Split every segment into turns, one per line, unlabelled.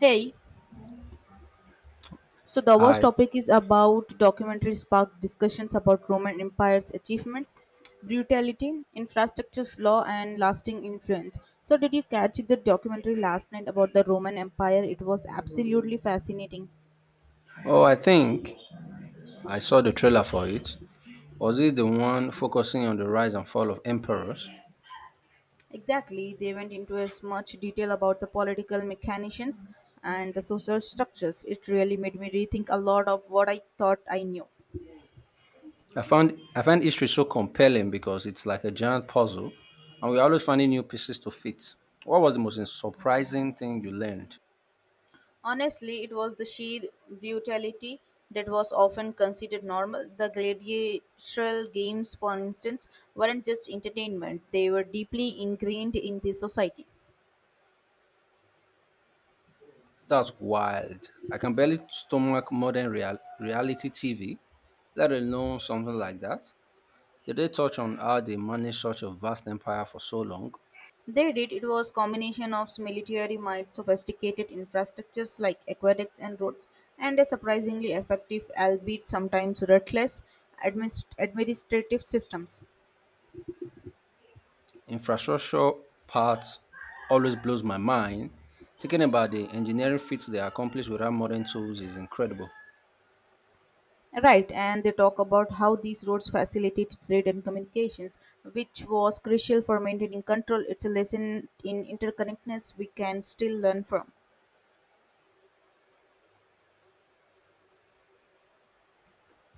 Hey, so the first
Hi.
topic is about documentaries spark discussions about Roman Empire's achievements, brutality, infrastructure's law, and lasting influence. So, did you catch the documentary last night about the Roman Empire? It was absolutely fascinating.
Oh, I think I saw the trailer for it. Was it the one focusing on the rise and fall of emperors?
Exactly, they went into as much detail about the political mechanisms and the social structures. It really made me rethink a lot of what I thought I knew.
I find history so compelling because it's like a giant puzzle, and we're always finding new pieces to fit. What was the most surprising thing you learned?
Honestly, it was the sheer brutality that was often considered normal. The gladiatorial games, for instance, weren't just entertainment, they were deeply ingrained in the society.
That's wild. I can barely stomach reality TV, let alone something like that. Did they touch on how they managed such a vast empire for so long?
They did it was combination of military might, sophisticated infrastructures like aqueducts and roads, and a surprisingly effective, albeit sometimes ruthless, administrative systems.
Infrastructure part always blows my mind. Thinking about the engineering feats they accomplish without modern tools is incredible.
Right, and they talk about how these roads facilitated trade and communications, which was crucial for maintaining control. It's a lesson in interconnectedness we can still learn from.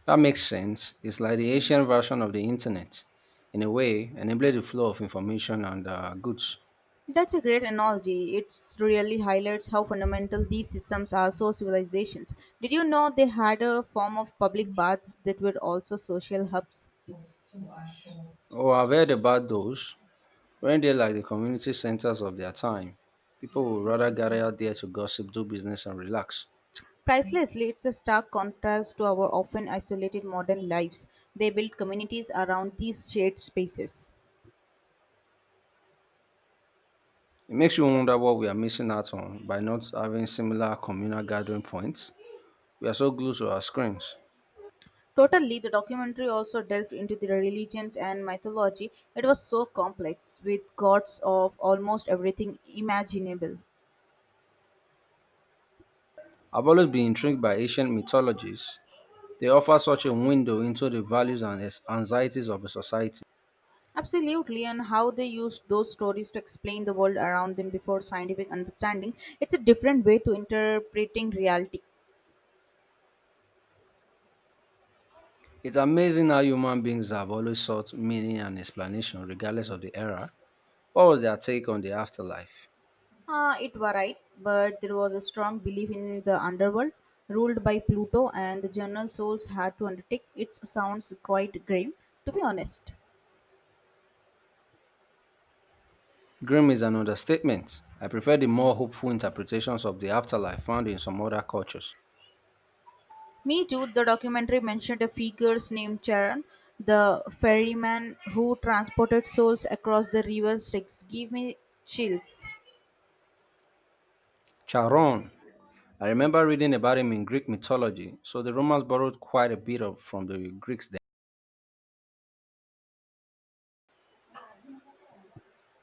That makes sense. It's like the Asian version of the internet, in a way, enabling the flow of information and goods.
That's a great analogy. It really highlights how fundamental these systems are so civilizations. Did you know they had a form of public baths that were also social hubs?
Oh, I've heard about those. When they're like the community centers of their time, people would rather gather out there to gossip, do business, and relax.
Pricelessly, it's a stark contrast to our often isolated modern lives. They built communities around these shared spaces.
It makes you wonder what we are missing out on by not having similar communal gathering points. We are so glued to our screens.
Totally, the documentary also delved into the religions and mythology. It was so complex, with gods of almost everything imaginable.
I've always been intrigued by ancient mythologies. They offer such a window into the values and anxieties of a society.
Absolutely, and how they used those stories to explain the world around them before scientific understanding. It's a different way to interpreting reality.
It's amazing how human beings have always sought meaning and explanation regardless of the era. What was their take on the afterlife?
It varied, but there was a strong belief in the underworld ruled by Pluto, and the general souls had to undertake. It sounds quite grim, to be honest.
Grim is an understatement. I prefer the more hopeful interpretations of the afterlife found in some other cultures.
Me too, the documentary mentioned a figure named Charon, the ferryman who transported souls across the river Styx. Give me chills.
Charon. I remember reading about him in Greek mythology, so the Romans borrowed quite a bit of from the Greeks then.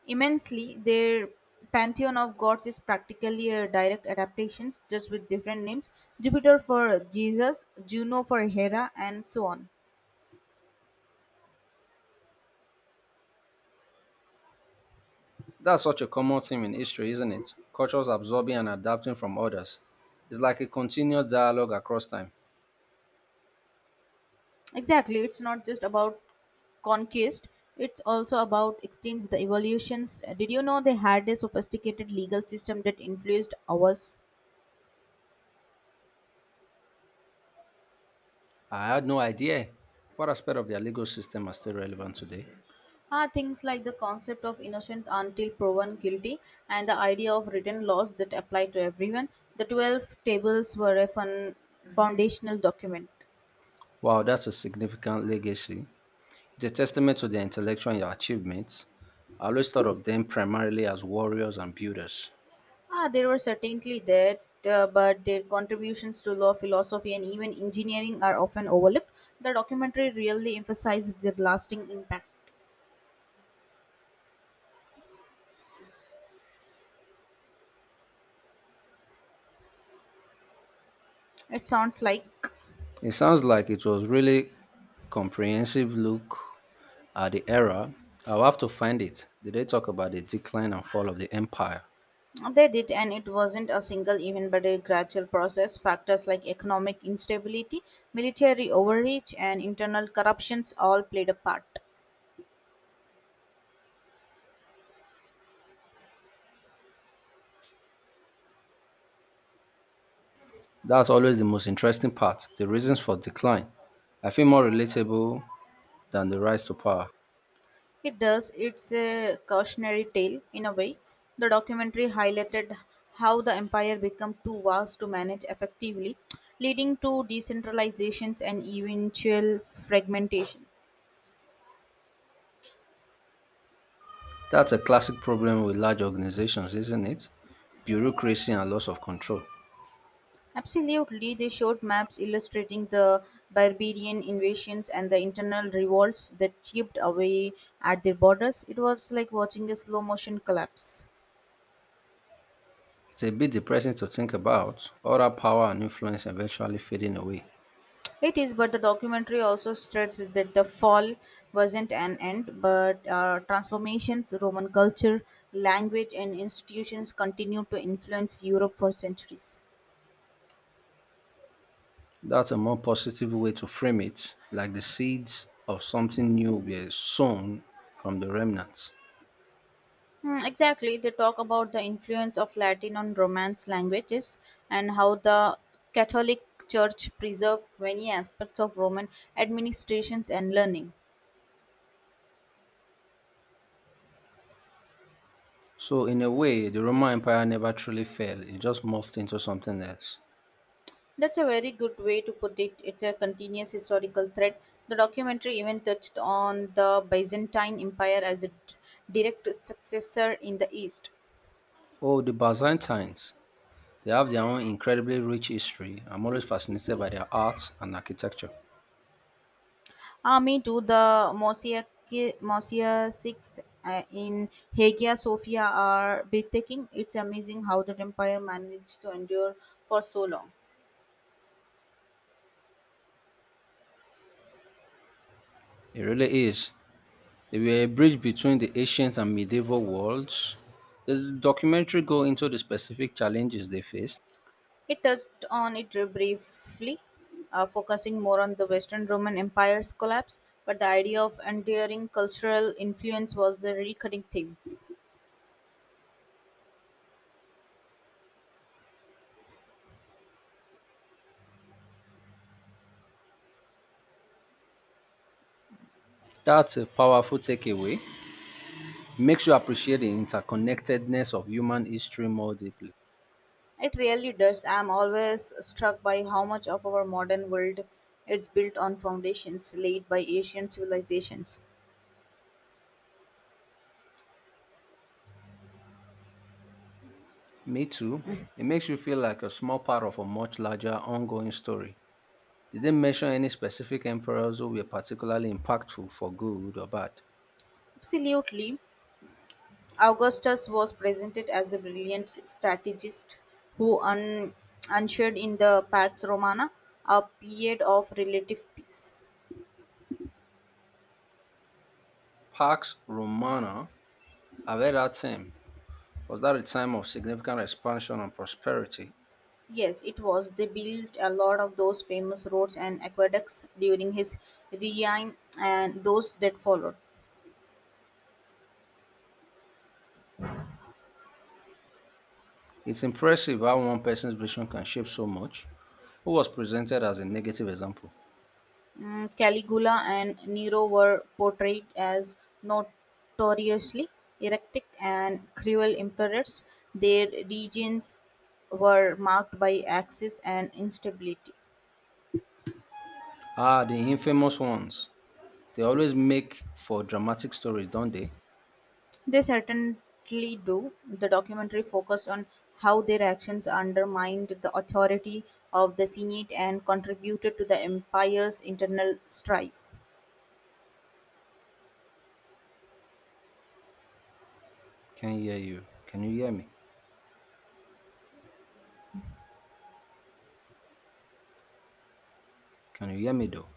Immensely, their pantheon of gods is practically a direct adaptation, just with different names. Jupiter for Jesus, Juno for Hera, and so on.
That's such a common theme in history, isn't it? Cultures absorbing and adapting from others. It's like a continuous dialogue across time.
Exactly, it's not just about conquest. It's also about exchange, the evolutions. Did you know they had a sophisticated legal system that influenced ours?
I had no idea what aspect of their legal system are still relevant today.
Ah, things like the concept of innocent until proven guilty and the idea of written laws that apply to everyone. The 12 tables were a fun, foundational document.
Wow, that's a significant legacy. It's a testament to their intellectual achievements. I always thought of them primarily as warriors and builders.
Ah, they were certainly there, but their contributions to law, philosophy, and even engineering are often overlooked. The documentary really emphasized their lasting impact. It sounds like
It sounds like it was really comprehensive look at the era. I'll have to find it. Did they talk about the decline and fall of the empire?
they did, and it wasn't a single event but a gradual process. Factors like economic instability, military overreach, and internal corruptions all played a part.
That's always the most interesting part, the reasons for decline. I feel more relatable than the rise to power.
It does, it's a cautionary tale in a way. The documentary highlighted how the empire became too vast to manage effectively, leading to decentralizations and eventual fragmentation.
That's a classic problem with large organizations, isn't it? Bureaucracy and loss of control.
Absolutely, they showed maps illustrating the barbarian invasions and the internal revolts that chipped away at their borders. It was like watching a slow motion collapse.
It's a bit depressing to think about, all that power and influence eventually fading away.
It is, but the documentary also stressed that the fall wasn't an end, but transformations, Roman culture, language, and institutions continued to influence Europe for centuries.
That's a more positive way to frame it, like the seeds of something new were sown from the remnants.
Exactly. They talk about the influence of Latin on Romance languages and how the Catholic Church preserved many aspects of Roman administrations and learning.
So, in a way, the Roman Empire never truly fell, it just morphed into something else.
That's a very good way to put it. It's a continuous historical thread. The documentary even touched on the Byzantine Empire as a direct successor in the East.
Oh, the Byzantines. They have their own incredibly rich history. I'm always fascinated by their art and architecture.
Me too. The mosaics in Hagia Sophia are breathtaking. It's amazing how the empire managed to endure for so long.
It really is. They were a bridge between the ancient and medieval worlds. The documentary go into the specific challenges they faced.
It touched on it briefly, focusing more on the Western Roman Empire's collapse, but the idea of enduring cultural influence was the recurring theme.
That's a powerful takeaway. Makes you appreciate the interconnectedness of human history more deeply.
It really does. I'm always struck by how much of our modern world is built on foundations laid by Asian civilizations.
Me too. It makes you feel like a small part of a much larger ongoing story. Did they mention any specific emperors who were particularly impactful for good or bad?
Absolutely. Augustus was presented as a brilliant strategist who ushered in the Pax Romana, a period of relative peace.
Pax Romana Avera team was that a time of significant expansion and prosperity.
Yes, it was. They built a lot of those famous roads and aqueducts during his reign and those that followed.
It's impressive how one person's vision can shape so much. Who was presented as a negative example?
Mm, Caligula and Nero were portrayed as notoriously erratic and cruel emperors. Their regions were marked by axis and instability.
Ah, the infamous ones. They always make for dramatic stories, don't they?
They certainly do. The documentary focused on how their actions undermined the authority of the Senate and contributed to the empire's internal strife.
Can you hear you? Can you hear me? Can you hear me though?